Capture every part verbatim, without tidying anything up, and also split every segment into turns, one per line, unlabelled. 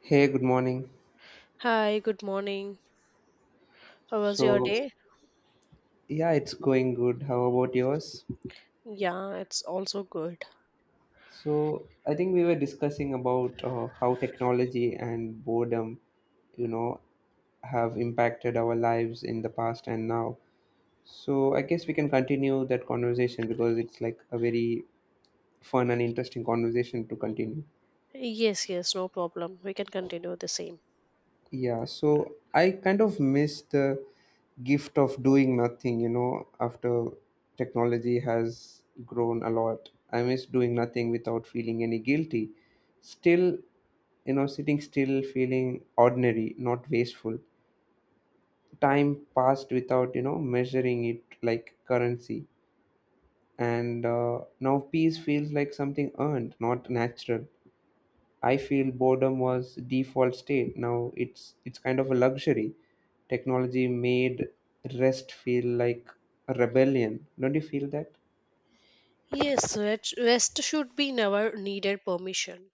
Hey, good morning.
Hi, good morning. How was your
So,
day?
yeah, it's going good. How about yours?
Yeah, it's also good.
So, I think we were discussing about uh, how technology and boredom, you know, have impacted our lives in the past and now. So, I guess we can continue that conversation because it's like a very fun and interesting conversation to continue.
Yes, yes, no problem. We can continue the same.
Yeah, so I kind of miss the gift of doing nothing, you know, after technology has grown a lot. I miss doing nothing without feeling any guilty. Still, you know, sitting still, feeling ordinary, not wasteful. Time passed without, you know, measuring it like currency. And uh, now peace feels like something earned, not natural. I feel boredom was default state. Now it's it's kind of a luxury. Technology made rest feel like a rebellion. Don't you feel that?
Yes, rest rest should be never needed permission.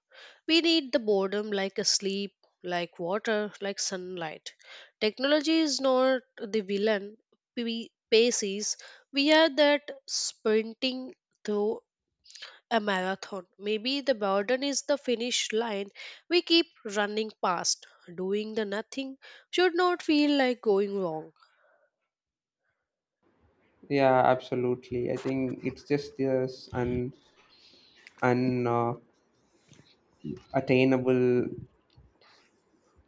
We need the boredom like a sleep, like water, like sunlight. Technology is not the villain. We Pace is. We are that sprinting through a marathon. Maybe the burden is the finish line we keep running past. Doing the nothing should not feel like going wrong.
Yeah, absolutely. I think it's just this un un uh, attainable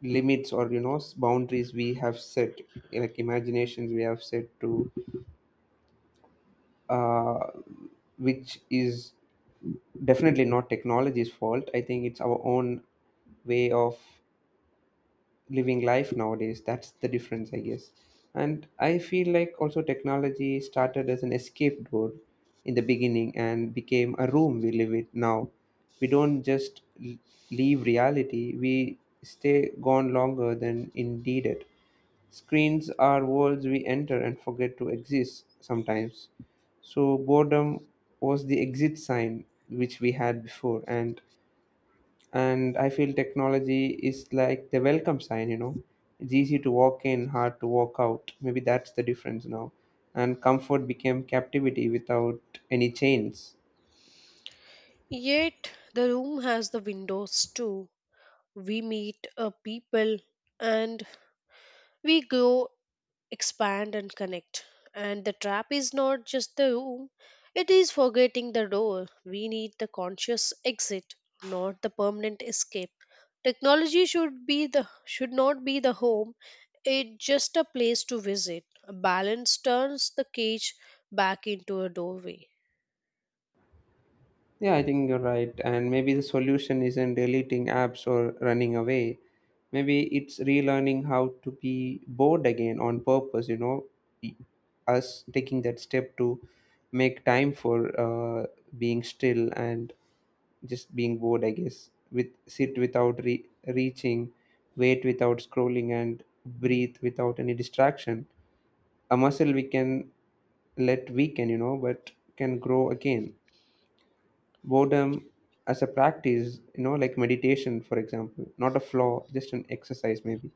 limits or you know s- boundaries we have set, like imaginations we have set to, uh, which is definitely not technology's fault. I think it's our own way of living life nowadays. That's the difference, I guess. And I feel like also technology started as an escape door in the beginning and became a room we live in now. We don't just l- leave reality. We stay gone longer than indeed it. Screens are worlds we enter and forget to exist sometimes. So boredom was the exit sign which we had before, and and I feel technology is like the welcome sign, you know. It's easy to walk in, hard to walk out. Maybe that's the difference now, and comfort became captivity without any chains.
Yet, the room has the windows too. We meet uh, people and we grow expand and connect. And the trap is not just the room, it is forgetting the door. We need the conscious exit, not the permanent escape. Technology should be the should not be the home, it's just a place to visit. A balance turns the cage back into a doorway.
Yeah, I think you're right, and maybe the solution isn't deleting apps or running away. Maybe it's relearning how to be bored again on purpose, you know. E- Us taking that step to make time for uh, being still and just being bored, I guess. With Sit without re- reaching, wait without scrolling, and breathe without any distraction. A muscle we can let weaken, you know, but can grow again. Boredom as a practice, you know, like meditation for example. Not a flaw, just an exercise maybe.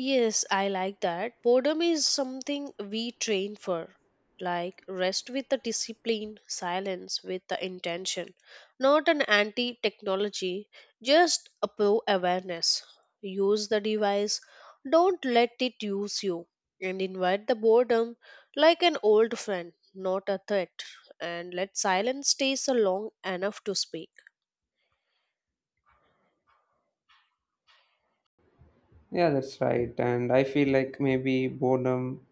Yes, I like that. Boredom is something we train for, like rest with the discipline, silence with the intention. Not an anti technology, just a pro awareness. Use the device, don't let it use you, and invite the boredom like an old friend, not a threat. And let silence stays long enough to speak.
Yeah, that's right. And I feel like maybe boredom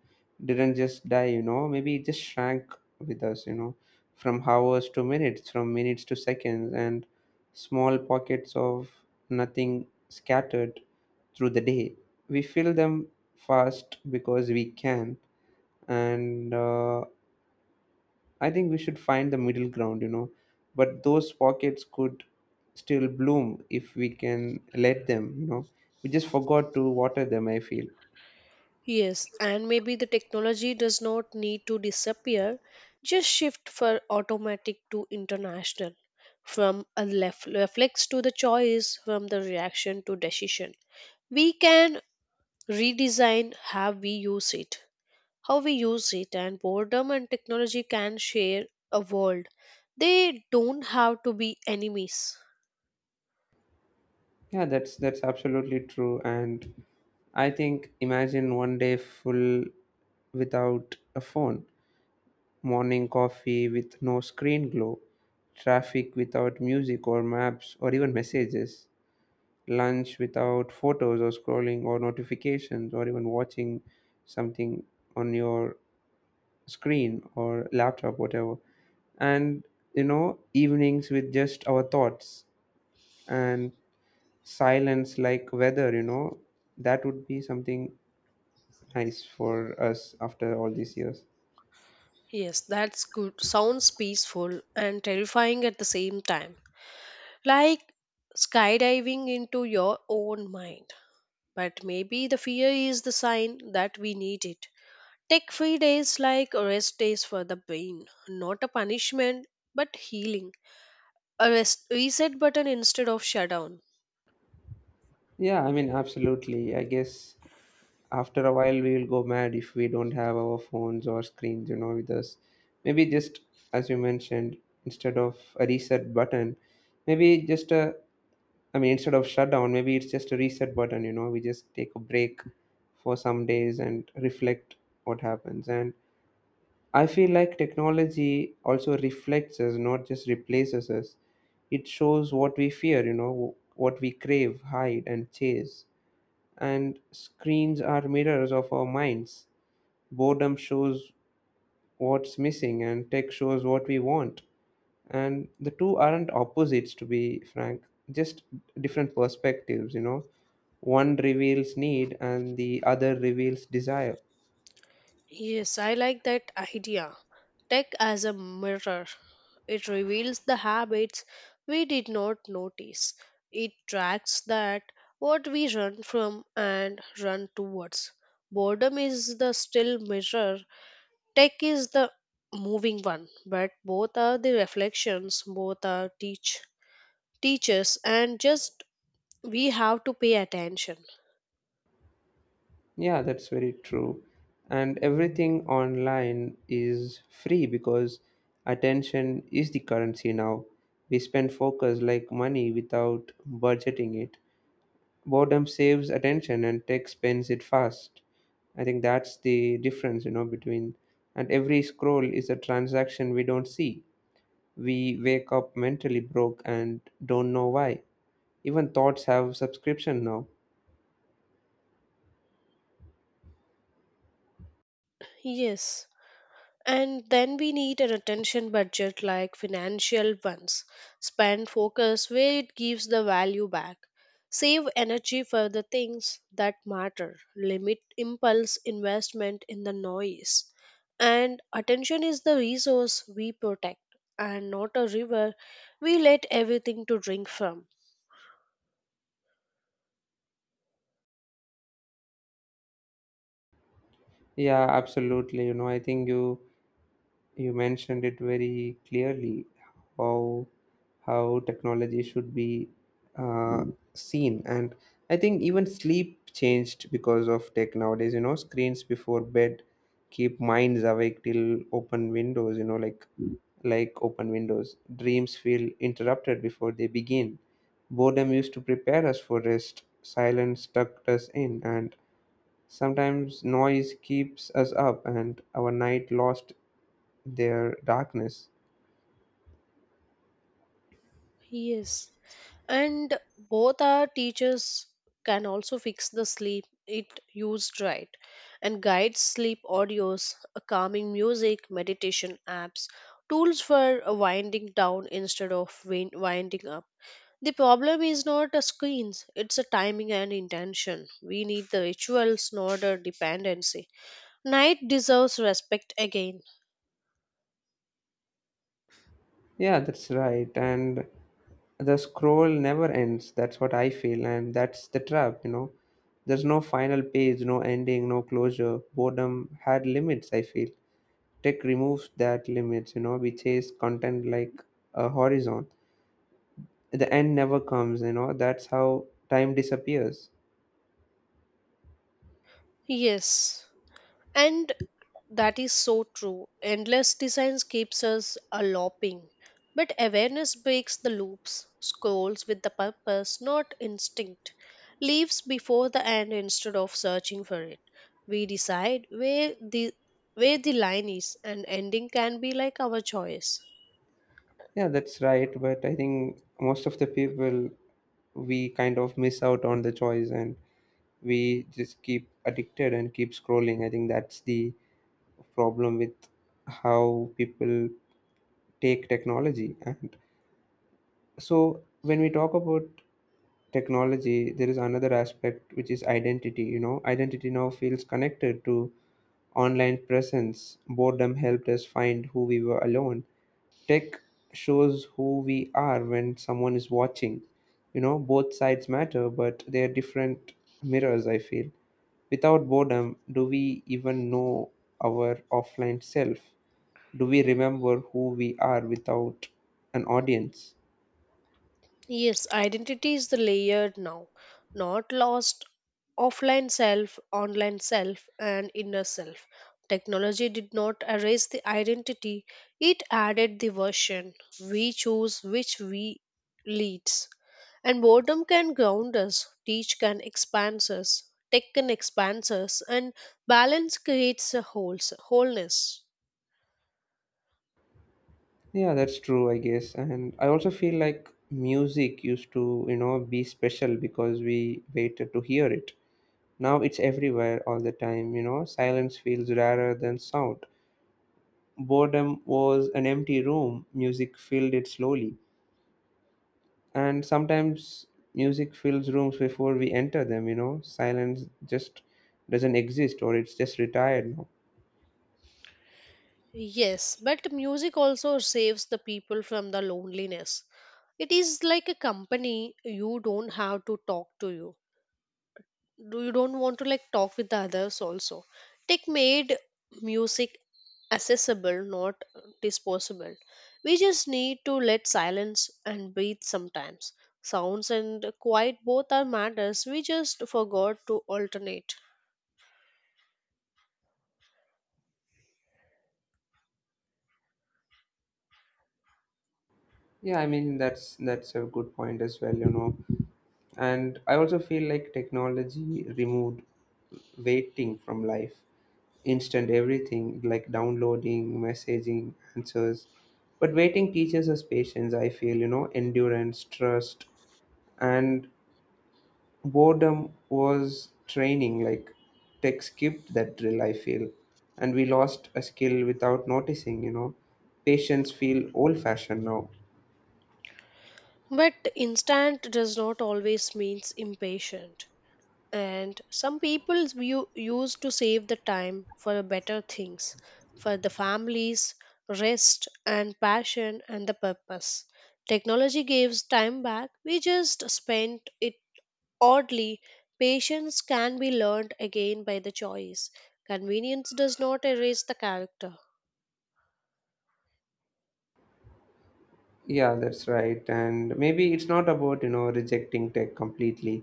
didn't just die, you know, maybe it just shrank with us, you know, from hours to minutes, from minutes to seconds, and small pockets of nothing scattered through the day. We fill them fast because we can. And uh, I think we should find the middle ground, you know, but those pockets could still bloom if we can let them, you know. We just forgot to water them, I feel.
Yes, and maybe the technology does not need to disappear, just shift for automatic to international, from a lef- reflex to the choice, from the reaction to decision. We can redesign how we use it, how we use it, and boredom and technology can share a world. They don't have to be enemies.
Yeah, that's that's absolutely true. And I think imagine one day full without a phone, morning coffee with no screen glow, traffic without music or maps or even messages, lunch without photos or scrolling or notifications or even watching something on your screen or laptop, whatever. And, you know, evenings with just our thoughts and silence like weather, you know. That would be something nice for us after all these years.
Yes, that's good. Sounds peaceful and terrifying at the same time. Like skydiving into your own mind. But maybe the fear is the sign that we need it. Take free days like rest days for the brain, not a punishment but healing. A rest reset button instead of shutdown.
Yeah, I mean absolutely, I guess. After a while we will go mad if we don't have our phones or screens, you know, with us. Maybe just, as you mentioned, instead of a reset button, maybe just a, I mean, instead of shutdown, maybe it's just a reset button, you know. We just take a break for some days and reflect what happens. And I feel like technology also reflects us, not just replaces us. It shows what we fear, you know, what we crave, hide, and chase. And screens are mirrors of our minds. Boredom shows what's missing, and tech shows what we want. And the two aren't opposites, to be frank, just different perspectives, you know. One reveals need, and the other reveals desire.
Yes, I like that idea. Tech as a mirror. It reveals the habits we did not notice. It tracks that what we run from and run towards. Boredom is the still mirror. Tech is the moving one, but both are the reflections, both are teach teachers, and just we have to pay attention.
Yeah, that's very true. And everything online is free because attention is the currency now. We spend focus like money without budgeting it. Boredom saves attention and tech spends it fast. I think that's the difference, you know, between, and every scroll is a transaction we don't see. We wake up mentally broke and don't know why. Even thoughts have subscription now.
Yes. And then we need an attention budget like financial ones. Spend focus where it gives the value back. Save energy for the things that matter. Limit impulse investment in the noise. And attention is the resource we protect and not a river we let everything to drink from.
Yeah, absolutely. You know, I think you you mentioned it very clearly how how technology should be uh, seen. And I think even sleep changed because of tech nowadays, you know. Screens before bed keep minds awake till open windows, you know, like like open windows, dreams feel interrupted before they begin. Boredom used to prepare us for rest. Silence tucked us in, and sometimes noise keeps us up and our night lost their darkness.
Yes. And both our teachers can also fix the sleep it used right, and guide sleep audios, uh, calming music, meditation apps, tools for uh, winding down instead of win- winding up. The problem is not a screens, it's a timing and intention. We need the rituals, not a dependency. Night deserves respect again.
Yeah, that's right. And the scroll never ends. That's what I feel. And that's the trap, you know. There's no final page, no ending, no closure. Boredom had limits, I feel. Tech removes that limits, you know. We chase content like a horizon. The end never comes, you know. That's how time disappears.
Yes, and that is so true. Endless designs keeps us a looping, but awareness breaks the loops, scrolls with the purpose, not instinct, leaves before the end instead of searching for it. We decide where the where the line is, and ending can be like our choice.
Yeah, that's right. But I think most of the people, we kind of miss out on the choice and we just keep addicted and keep scrolling. I think that's the problem with how people take technology. And so when we talk about technology, there is another aspect which is identity. You know, identity now feels connected to online presence. Boredom helped us find who we were alone. Tech shows who we are when someone is watching. You know, both sides matter, but they are different mirrors, I feel. Without boredom, do we even know our offline self? Do we remember who we are without an audience?
Yes, identity is the layered now, not lost offline self, online self, and inner self. Technology did not erase the identity, it added the version. We choose which we leads. And boredom can ground us, teach can expand us, tech can expand us, and balance creates a wholes wholeness.
Yeah, that's true, I guess. And I also feel like music used to, you know, be special because we waited to hear it. Now it's everywhere all the time, you know, silence feels rarer than sound. Boredom was an empty room, music filled it slowly. And sometimes music fills rooms before we enter them, you know. Silence just doesn't exist, or it's just retired now.
Yes, but music also saves the people from the loneliness. It is like a company you don't have to talk to you. Do you don't want to like talk with the others also. Tech made music accessible, not disposable. We just need to let silence and breathe sometimes. Sounds and quiet both are matters. We just forgot to alternate.
Yeah, I mean that's that's a good point as well, you know. And I also feel like technology removed waiting from life. Instant everything, like downloading, messaging, answers. But waiting teaches us patience, I feel, you know, endurance, trust, and boredom was training. Like, tech skipped that drill, I feel, and we lost a skill without noticing, you know. Patients feel old fashioned now.
But instant does not always means impatient. And some people view, use to save the time for better things, for the families, rest and passion and the purpose. Technology gives time back, we just spent it oddly. Patience can be learned again by the choice. Convenience does not erase the character.
Yeah, that's right, and maybe it's not about, you know, rejecting tech completely,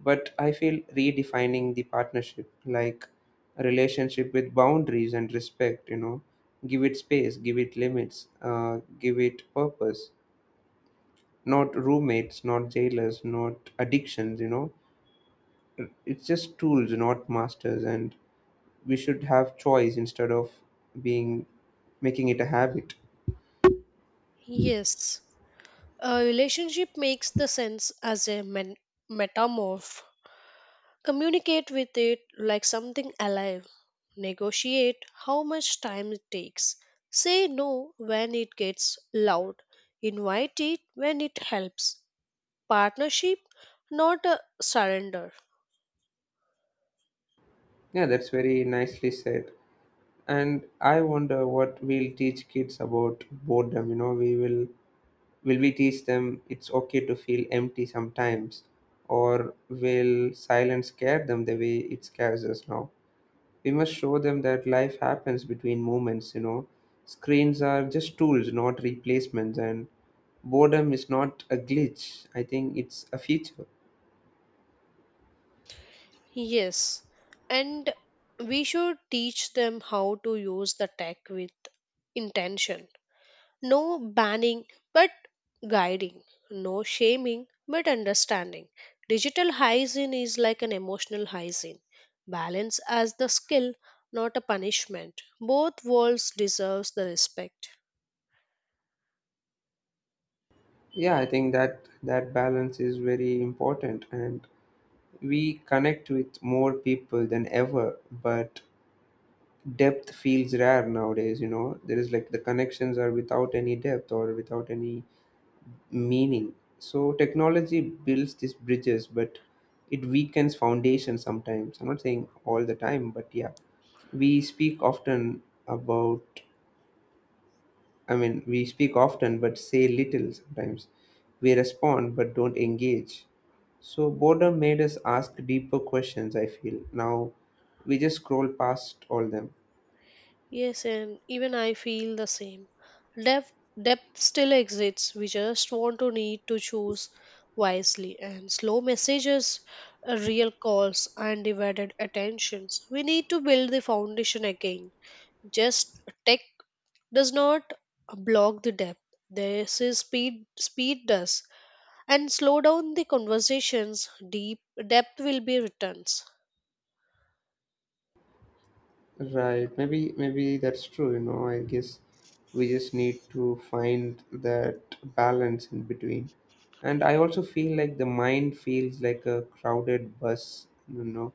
but I feel redefining the partnership, like a relationship with boundaries and respect, you know. Give it space, give it limits, uh, give it purpose. Not roommates, not jailers, not addictions, you know. It's just tools, not masters, and we should have choice instead of being, making it a habit.
Yes, a relationship makes the sense as a men- metamorph. Communicate with it like something alive. Negotiate how much time it takes. Say no when it gets loud. Invite it when it helps. Partnership, not a surrender.
Yeah, that's very nicely said. And I wonder what we'll teach kids about boredom, you know. We will will we teach them it's okay to feel empty sometimes, or will silence scare them the way it scares us now? We must show them that life happens between moments, you know. Screens are just tools, not replacements, and boredom is not a glitch. I think it's a feature.
Yes, and we should teach them how to use the tech with intention. No banning, but guiding. No shaming, but understanding. Digital hygiene is like an emotional hygiene. Balance as the skill, not a punishment. Both worlds deserves the respect.
Yeah, I think that that balance is very important, and we connect with more people than ever, but depth feels rare nowadays, you know. There is like the connections are without any depth or without any meaning. So technology builds these bridges, but it weakens foundations sometimes. I'm not saying all the time, but yeah, we speak often about. I mean, we speak often, but say little sometimes. We respond, but don't engage. So boredom made us ask deeper questions. I feel now we just scroll past all them.
Yes, and even I feel the same. Depth, Depth still exists. We just want to need to choose wisely and slow messages, uh, real calls, and undivided attentions. We need to build the foundation again. Just tech does not block the depth, this is speed speed does. And slow down the conversations, deep depth will be returns.
Right. Maybe maybe that's true, you know. I guess we just need to find that balance in between. And I also feel like the mind feels like a crowded bus, you know.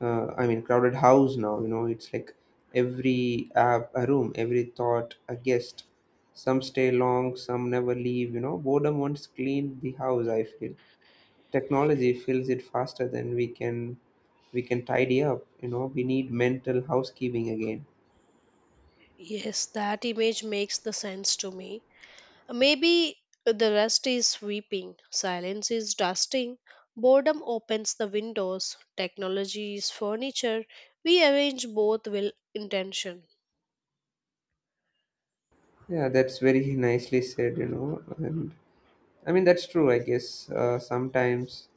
Uh, I mean crowded house now, you know. It's like every app a room, every thought a guest. Some stay long, some never leave, you know. Boredom once cleaned the house, I feel. Technology fills it faster than we can we can tidy up, you know. We need mental housekeeping again.
Yes, that image makes the sense to me. Maybe the rest is sweeping, silence is dusting, boredom opens the windows, technology is furniture. We arrange both will intention.
Yeah, that's very nicely said, you know. And I mean, that's true, I guess. Uh, sometimes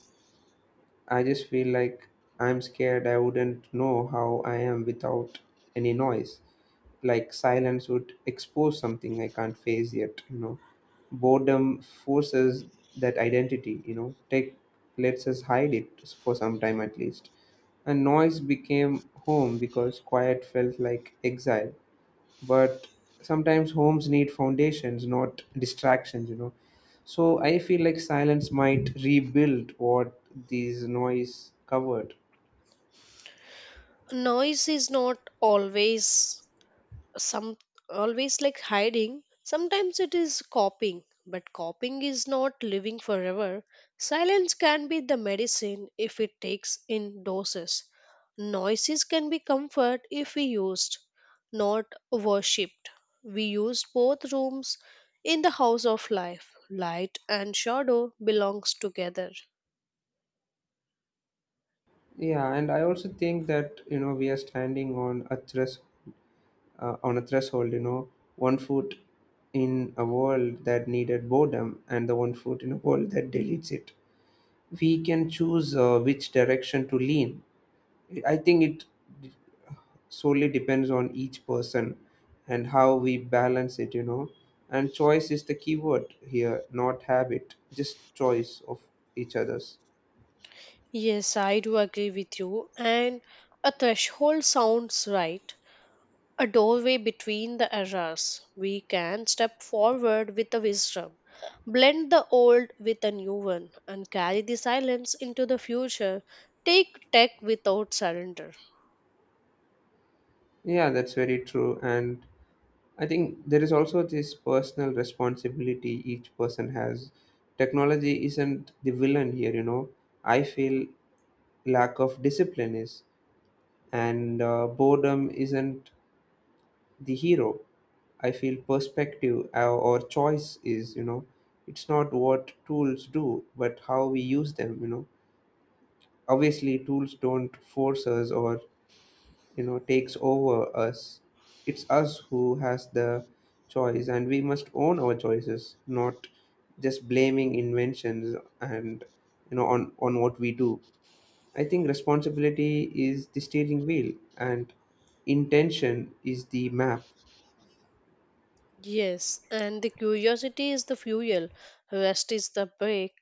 I just feel like I'm scared I wouldn't know how I am without any noise. Like, silence would expose something I can't face yet, you know. Boredom forces that identity, you know, take lets us hide it for some time at least. And noise became home because quiet felt like exile, but sometimes homes need foundations not distractions you know So I feel like silence might rebuild what these noise covered.
Noise is not always some always like hiding, sometimes it is copying, but copying is not living forever. Silence can be the medicine if it takes in doses. Noises can be comfort if we used, not worshipped. We used both rooms in the house of life. Light and shadow belongs together.
Yeah, and I also think that, you know, we are standing on a thres- uh, on a threshold, you know. One foot in a world that needed boredom and the one foot in a world that deletes it. We can choose, uh, which direction to lean. I think it solely depends on each person and how we balance it you know And choice is the key word here, not habit, just choice of each other's.
Yes, I do agree with you. And a threshold sounds right, a doorway between the eras. We can step forward with the wisdom, blend the old with a new one, and carry the silence into the future. Take tech without surrender.
Yeah, that's very true. And I think there is also this personal responsibility each person has. Technology isn't the villain here, you know. I feel lack of discipline is. And uh, boredom isn't the hero. I feel perspective, uh, or choice is, you know. It's not what tools do but how we use them you know Obviously tools don't force us, or, you know, takes over us. It's us who has the choice, and we must own our choices, not just blaming inventions and, you know on on what we do. I think responsibility is the steering wheel and intention is the map.
Yes, and the curiosity is the fuel, rest is the brake,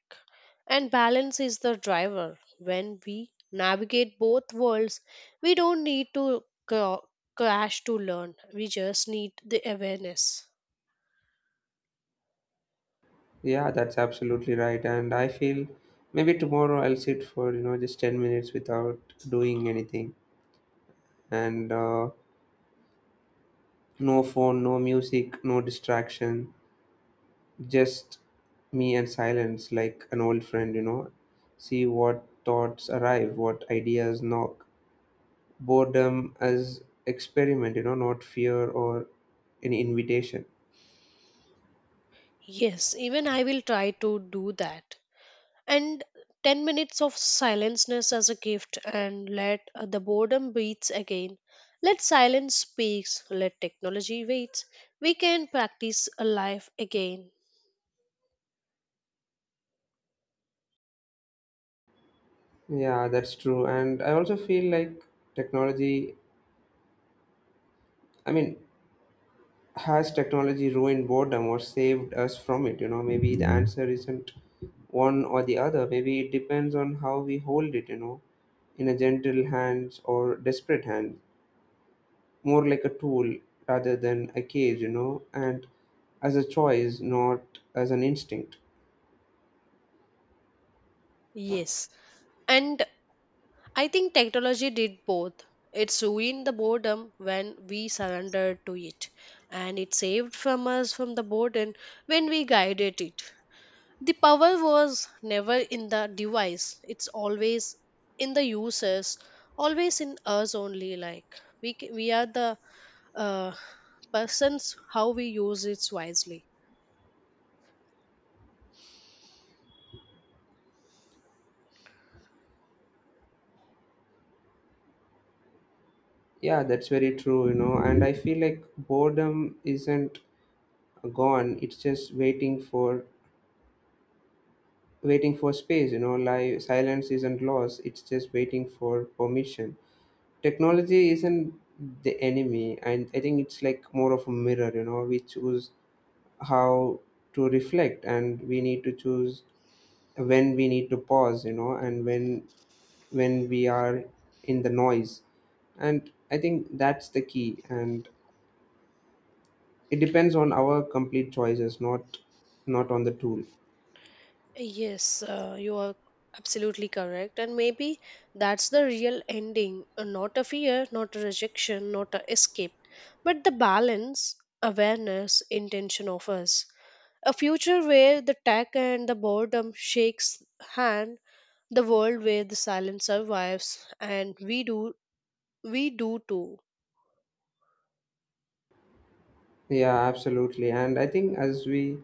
and balance is the driver. When we navigate both worlds, we don't need to cra- crash to learn, we just need the awareness.
Yeah, that's absolutely right. And I feel maybe tomorrow I'll sit for, you know, just ten minutes without doing anything. And uh, no phone, no music, no distraction, just me and silence like an old friend, you know. See what thoughts arrive, what ideas knock. Boredom as experiment, you know, not fear or any invitation.
Yes, even I will try to do that. And ten minutes of silenceness as a gift, and let uh, the boredom beats again. Let silence speaks, let technology waits. We can practice a life again.
Yeah, that's true. And I also feel like technology, I mean, has technology ruined boredom or saved us from it you know Maybe the answer isn't one or the other. Maybe it depends on how we hold it, you know, in a gentle hands or desperate hand, more like a tool rather than a cage, you know, and as a choice, not as an instinct.
Yes, and I think technology did both. It's ruined the boredom when we surrendered to it, and it saved from us from the boredom when we guided it. The power was never in the device, it's always in the users, always in us only. Like we, c- we are the uh, persons how we use it wisely.
Yeah, that's very true, you know. And I feel like boredom isn't gone, it's just waiting for waiting for space, you know, like silence isn't lost, it's just waiting for permission. Technology isn't the enemy, and I think it's like more of a mirror, you know. We choose how to reflect, and we need to choose when we need to pause, you know, and when when we are in the noise. And I think that's the key, and it depends on our complete choices, not not on the tool.
Yes, uh, you are absolutely correct. And maybe that's the real ending, uh, not a fear, not a rejection, not a escape, but the balance, awareness, intention of us. A future where the tech and the boredom shakes hand, the world where the silence survives and we do we do too.
Yeah, absolutely. And I think as we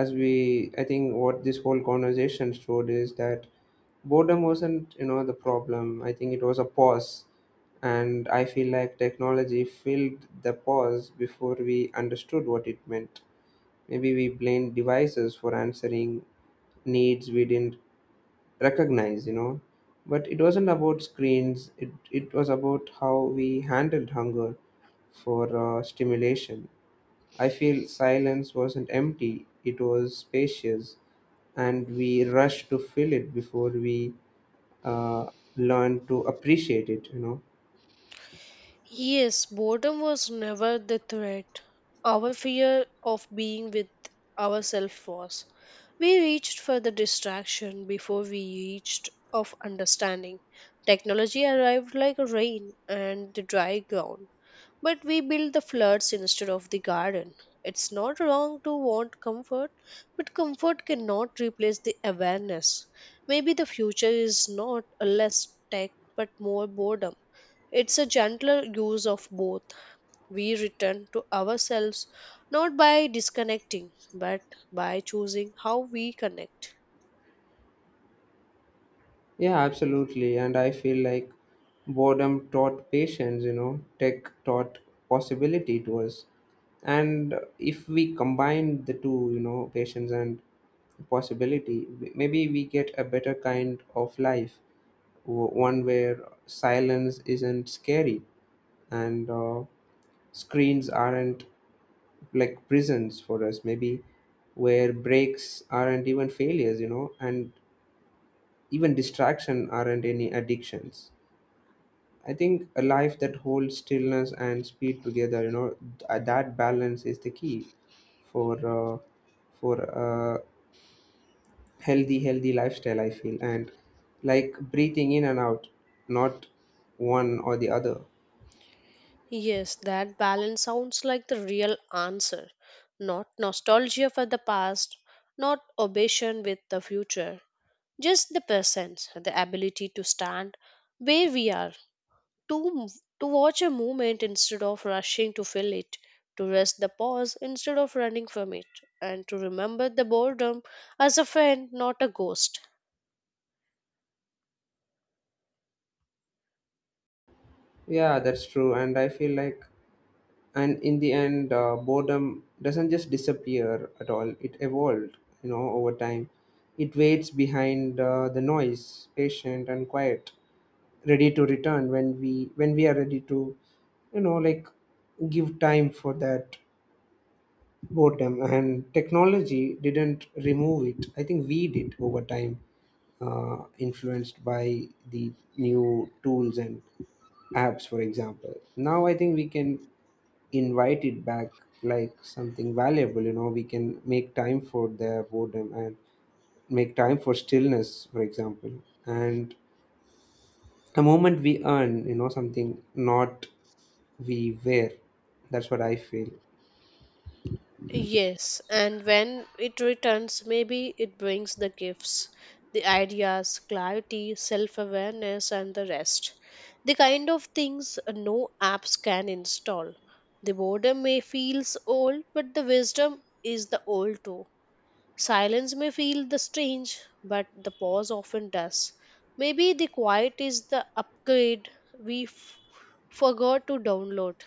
as we I think what this whole conversation showed is that boredom wasn't, you know, the problem. I think it was a pause. And I feel like technology filled the pause before we understood what it meant. Maybe we blamed devices for answering needs we didn't recognize, you know. But it wasn't about screens, it, it was about how we handled hunger for, uh, stimulation. I feel silence wasn't empty, it was spacious, and we rush to fill it before we, uh, learn to appreciate it, you know.
Yes, boredom was never the threat, our fear of being with ourselves was. We reached for the distraction before we reached of understanding. Technology arrived like rain and the dry ground. But we build the floods instead of the garden. It's not wrong to want comfort, but comfort cannot replace the awareness. Maybe the future is not a less tech but more boredom. It's a gentler use of both. We return to ourselves not by disconnecting but by choosing how we connect.
Yeah, absolutely. And I feel like boredom taught patience, you know, tech taught possibility to us. And if we combine the two, you know, patience and possibility, w- maybe we get a better kind of life, w- one where silence isn't scary, and uh, screens aren't like prisons for us, maybe where breaks aren't even failures, you know, and even distraction aren't any addictions. I think a life that holds stillness and speed together, you know, th- that balance is the key for, uh, for a healthy healthy lifestyle, I feel, and like breathing in and out, not one or the other.
Yes, that balance sounds like the real answer. Not nostalgia for the past, not obsession with the future. Just the presence, the ability to stand where we are, to to watch a movement instead of rushing to fill it, to rest the pause instead of running from it, and to remember the boredom as a friend, not a ghost.
Yeah, that's true. And I feel like, and in the end, uh, boredom doesn't just disappear at all, it evolved, you know, over time. It waits behind, uh, the noise, patient and quiet, ready to return when we when we are ready to, you know, like give time for that boredom. And technology didn't remove it, I think we did over time, uh, influenced by the new tools and apps. For example, now I think we can invite it back like something valuable, you know. We can make time for their boredom and make time for stillness, for example. And the moment we earn, you know, something, not we wear, that's what I feel.
Yes, and when it returns, maybe it brings the gifts, the ideas, clarity, self awareness, and the rest. The kind of things no apps can install. The boredom may feel old, but the wisdom is the old too. Silence may feel the strange, but the pause often does. Maybe the quiet is the upgrade we f- forgot to download.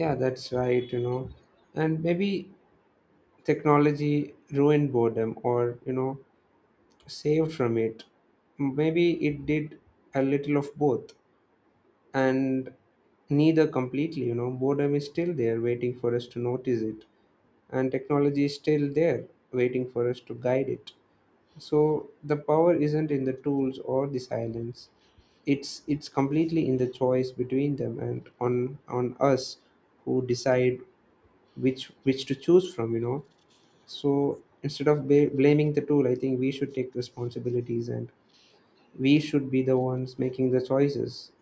Yeah, that's right, you know. And maybe technology ruined boredom, or, you know, saved from it. Maybe it did a little of both, and neither completely, you know. Boredom is still there waiting for us to notice it, and technology is still there waiting for us to guide it. So the power isn't in the tools or the silence, it's it's completely in the choice between them, and on on us who decide which which to choose from, you know. So instead of ba- blaming the tool, I think we should take responsibilities, and we should be the ones making the choices.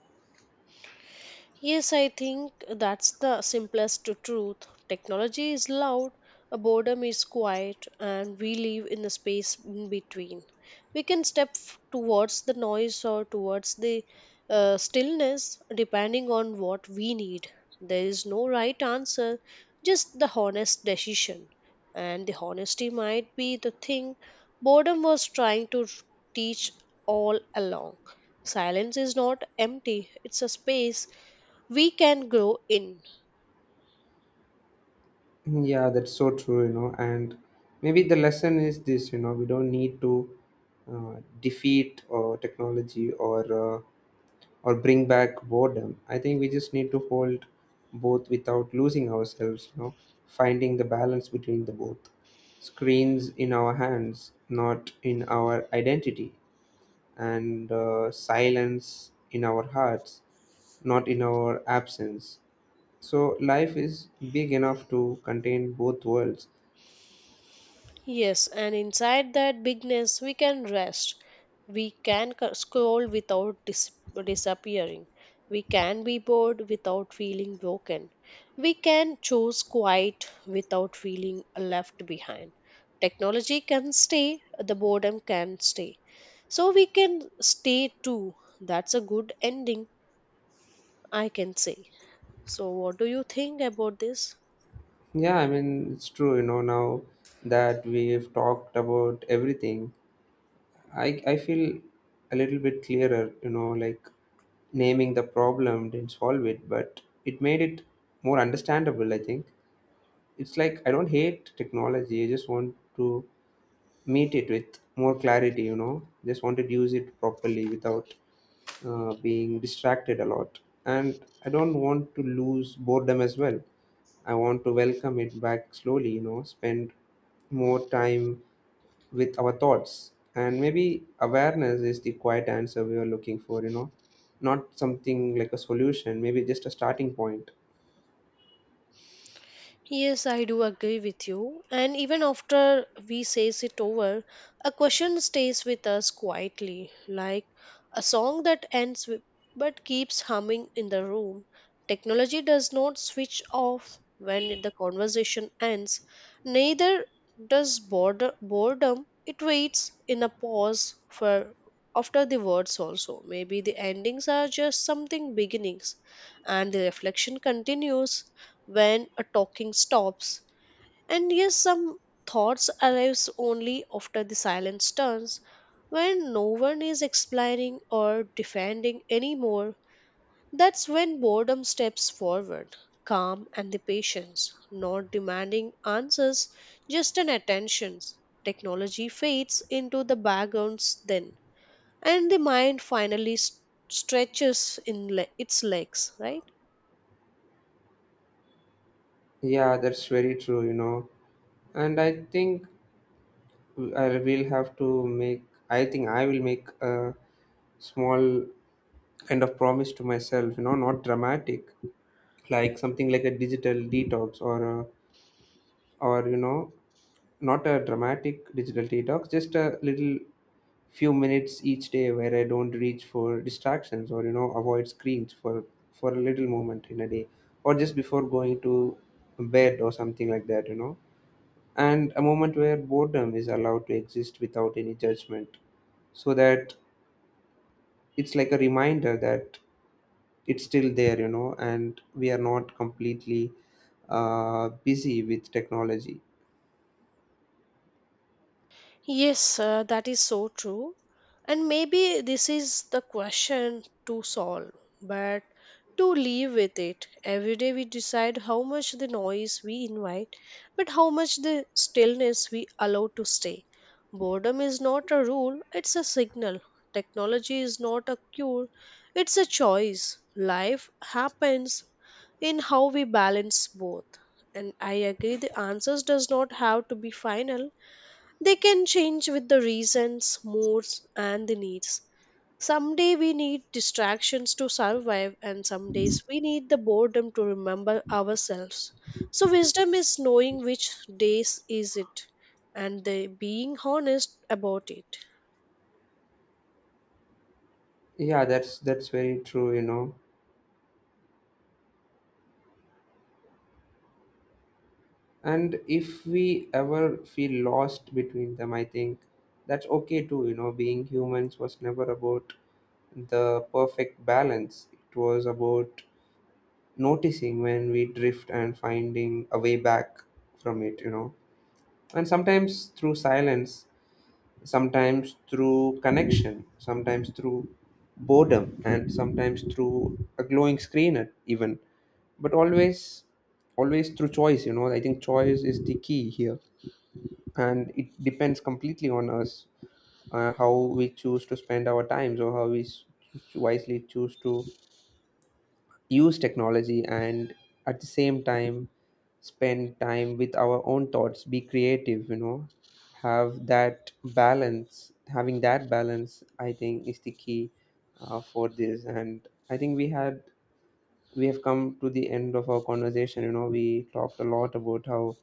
Yes, I think that's the simplest truth. Technology is loud, a boredom is quiet, and we live in the space in between. We can step f- towards the noise or towards the uh, stillness depending on what we need. There is no right answer, just the honest decision. And the honesty might be the thing boredom was trying to teach all along. Silence is not empty, it's a space we can grow in.
Yeah, that's so true, you know. And maybe the lesson is this, you know, we don't need to, uh, defeat or technology, or, uh, or bring back boredom. I think we just need to hold both without losing ourselves, you know, finding the balance between the both. Screens in our hands, not in our identity, and, uh, silence in our hearts, not in our absence. So life is big enough to contain both worlds.
Yes, and inside that bigness, we can rest. We can c- scroll without dis- disappearing. We can be bored without feeling broken. We can choose quiet without feeling left behind. Technology can stay, the boredom can stay. So we can stay too. That's a good ending, I can say. So, what do you think about this?
Yeah, I mean, it's true, you know, now that we've talked about everything, I, I feel a little bit clearer, you know, like naming the problem didn't solve it, but it made it more understandable, I think. It's like I don't hate technology, I just want to meet it with more clarity, you know, just wanted to use it properly without, uh, being distracted a lot. And I don't want to lose boredom as well. I want to welcome it back slowly, you know, spend more time with our thoughts. And maybe awareness is the quiet answer we are looking for, you know, not something like a solution, maybe just a starting point.
Yes, I do agree with you. And even after we says it over, a question stays with us quietly, like a song that ends with, but keeps humming in the room. Technology does not switch off when the conversation ends, neither does border, boredom. It waits in a pause for after the words also. Maybe the endings are just something beginnings, and the reflection continues when a talking stops. And yes, some thoughts arrives only after the silence turns, when no one is explaining or defending anymore. That's when boredom steps forward, calm and the patience, not demanding answers, just an attention. Technology fades into the backgrounds then, and the mind finally s- stretches in le- its legs, right?
Yeah, that's very true, you know. And I think I will have to make. I think I will make a small kind of promise to myself. You know, not dramatic, like something like a digital detox, or a, or, you know, not a dramatic digital detox. Just a little few minutes each day where I don't reach for distractions, or, you know, avoid screens for for a little moment in a day, or just before going to bed or something like that. You know, and a moment where boredom is allowed to exist without any judgment, so that it's like a reminder that it's still there, you know, and we are not completely, uh, busy with technology.
Yes, uh, that is so true. And maybe this is the question to solve, but to live with it. Every day we decide how much the noise we invite, but how much the stillness we allow to stay. Boredom is not a rule, it's a signal. Technology is not a cure, it's a choice. Life happens in how we balance both. And I agree the answers does not have to be final, they can change with the reasons, moods, and the needs. Someday we need distractions to survive, and some days we need the boredom to remember ourselves. So, wisdom is knowing which days is it, and the being honest about it.
Yeah that's that's very true, you know. And if we ever feel lost between them, I think that's okay too, you know. Being humans was never about the perfect balance, it was about noticing when we drift and finding a way back from it, you know. And sometimes through silence, sometimes through connection, sometimes through boredom, and sometimes through a glowing screen, at- even. But always, always through choice, you know. I think choice is the key here, and it depends completely on us, uh, how we choose to spend our times, or how we s- wisely choose to use technology, and at the same time spend time with our own thoughts, be creative, you know, have that balance having that balance I think is the key, uh, for this. And I think we had we have come to the end of our conversation, you know. We talked a lot about how,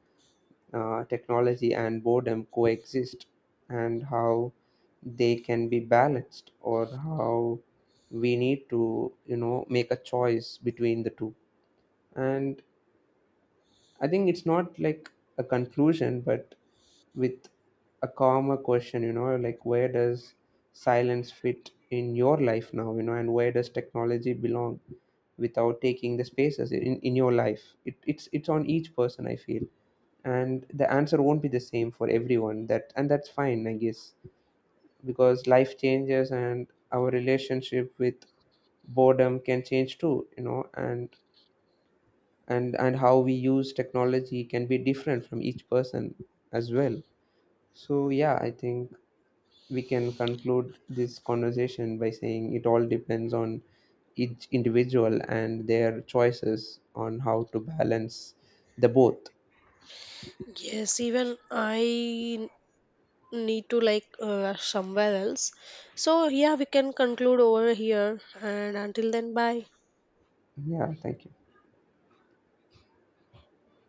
uh, technology and boredom coexist, and how they can be balanced, or how we need to, you know, make a choice between the two. And I think it's not like a conclusion, but with a calmer question, you know, like where does silence fit in your life now, you know, and where does technology belong without taking the spaces in, in your life? It, it's it's on each person, I feel. And the answer won't be the same for everyone. That and that's fine, I guess. Because life changes, and our relationship with boredom can change too, you know, and and and how we use technology can be different from each person as well. So yeah, I think we can conclude this conversation by saying it all depends on each individual and their choices on how to balance the both.
Yes, even I need to like uh, somewhere else. So, yeah, we can conclude over here, and until then, bye.
Yeah, thank you.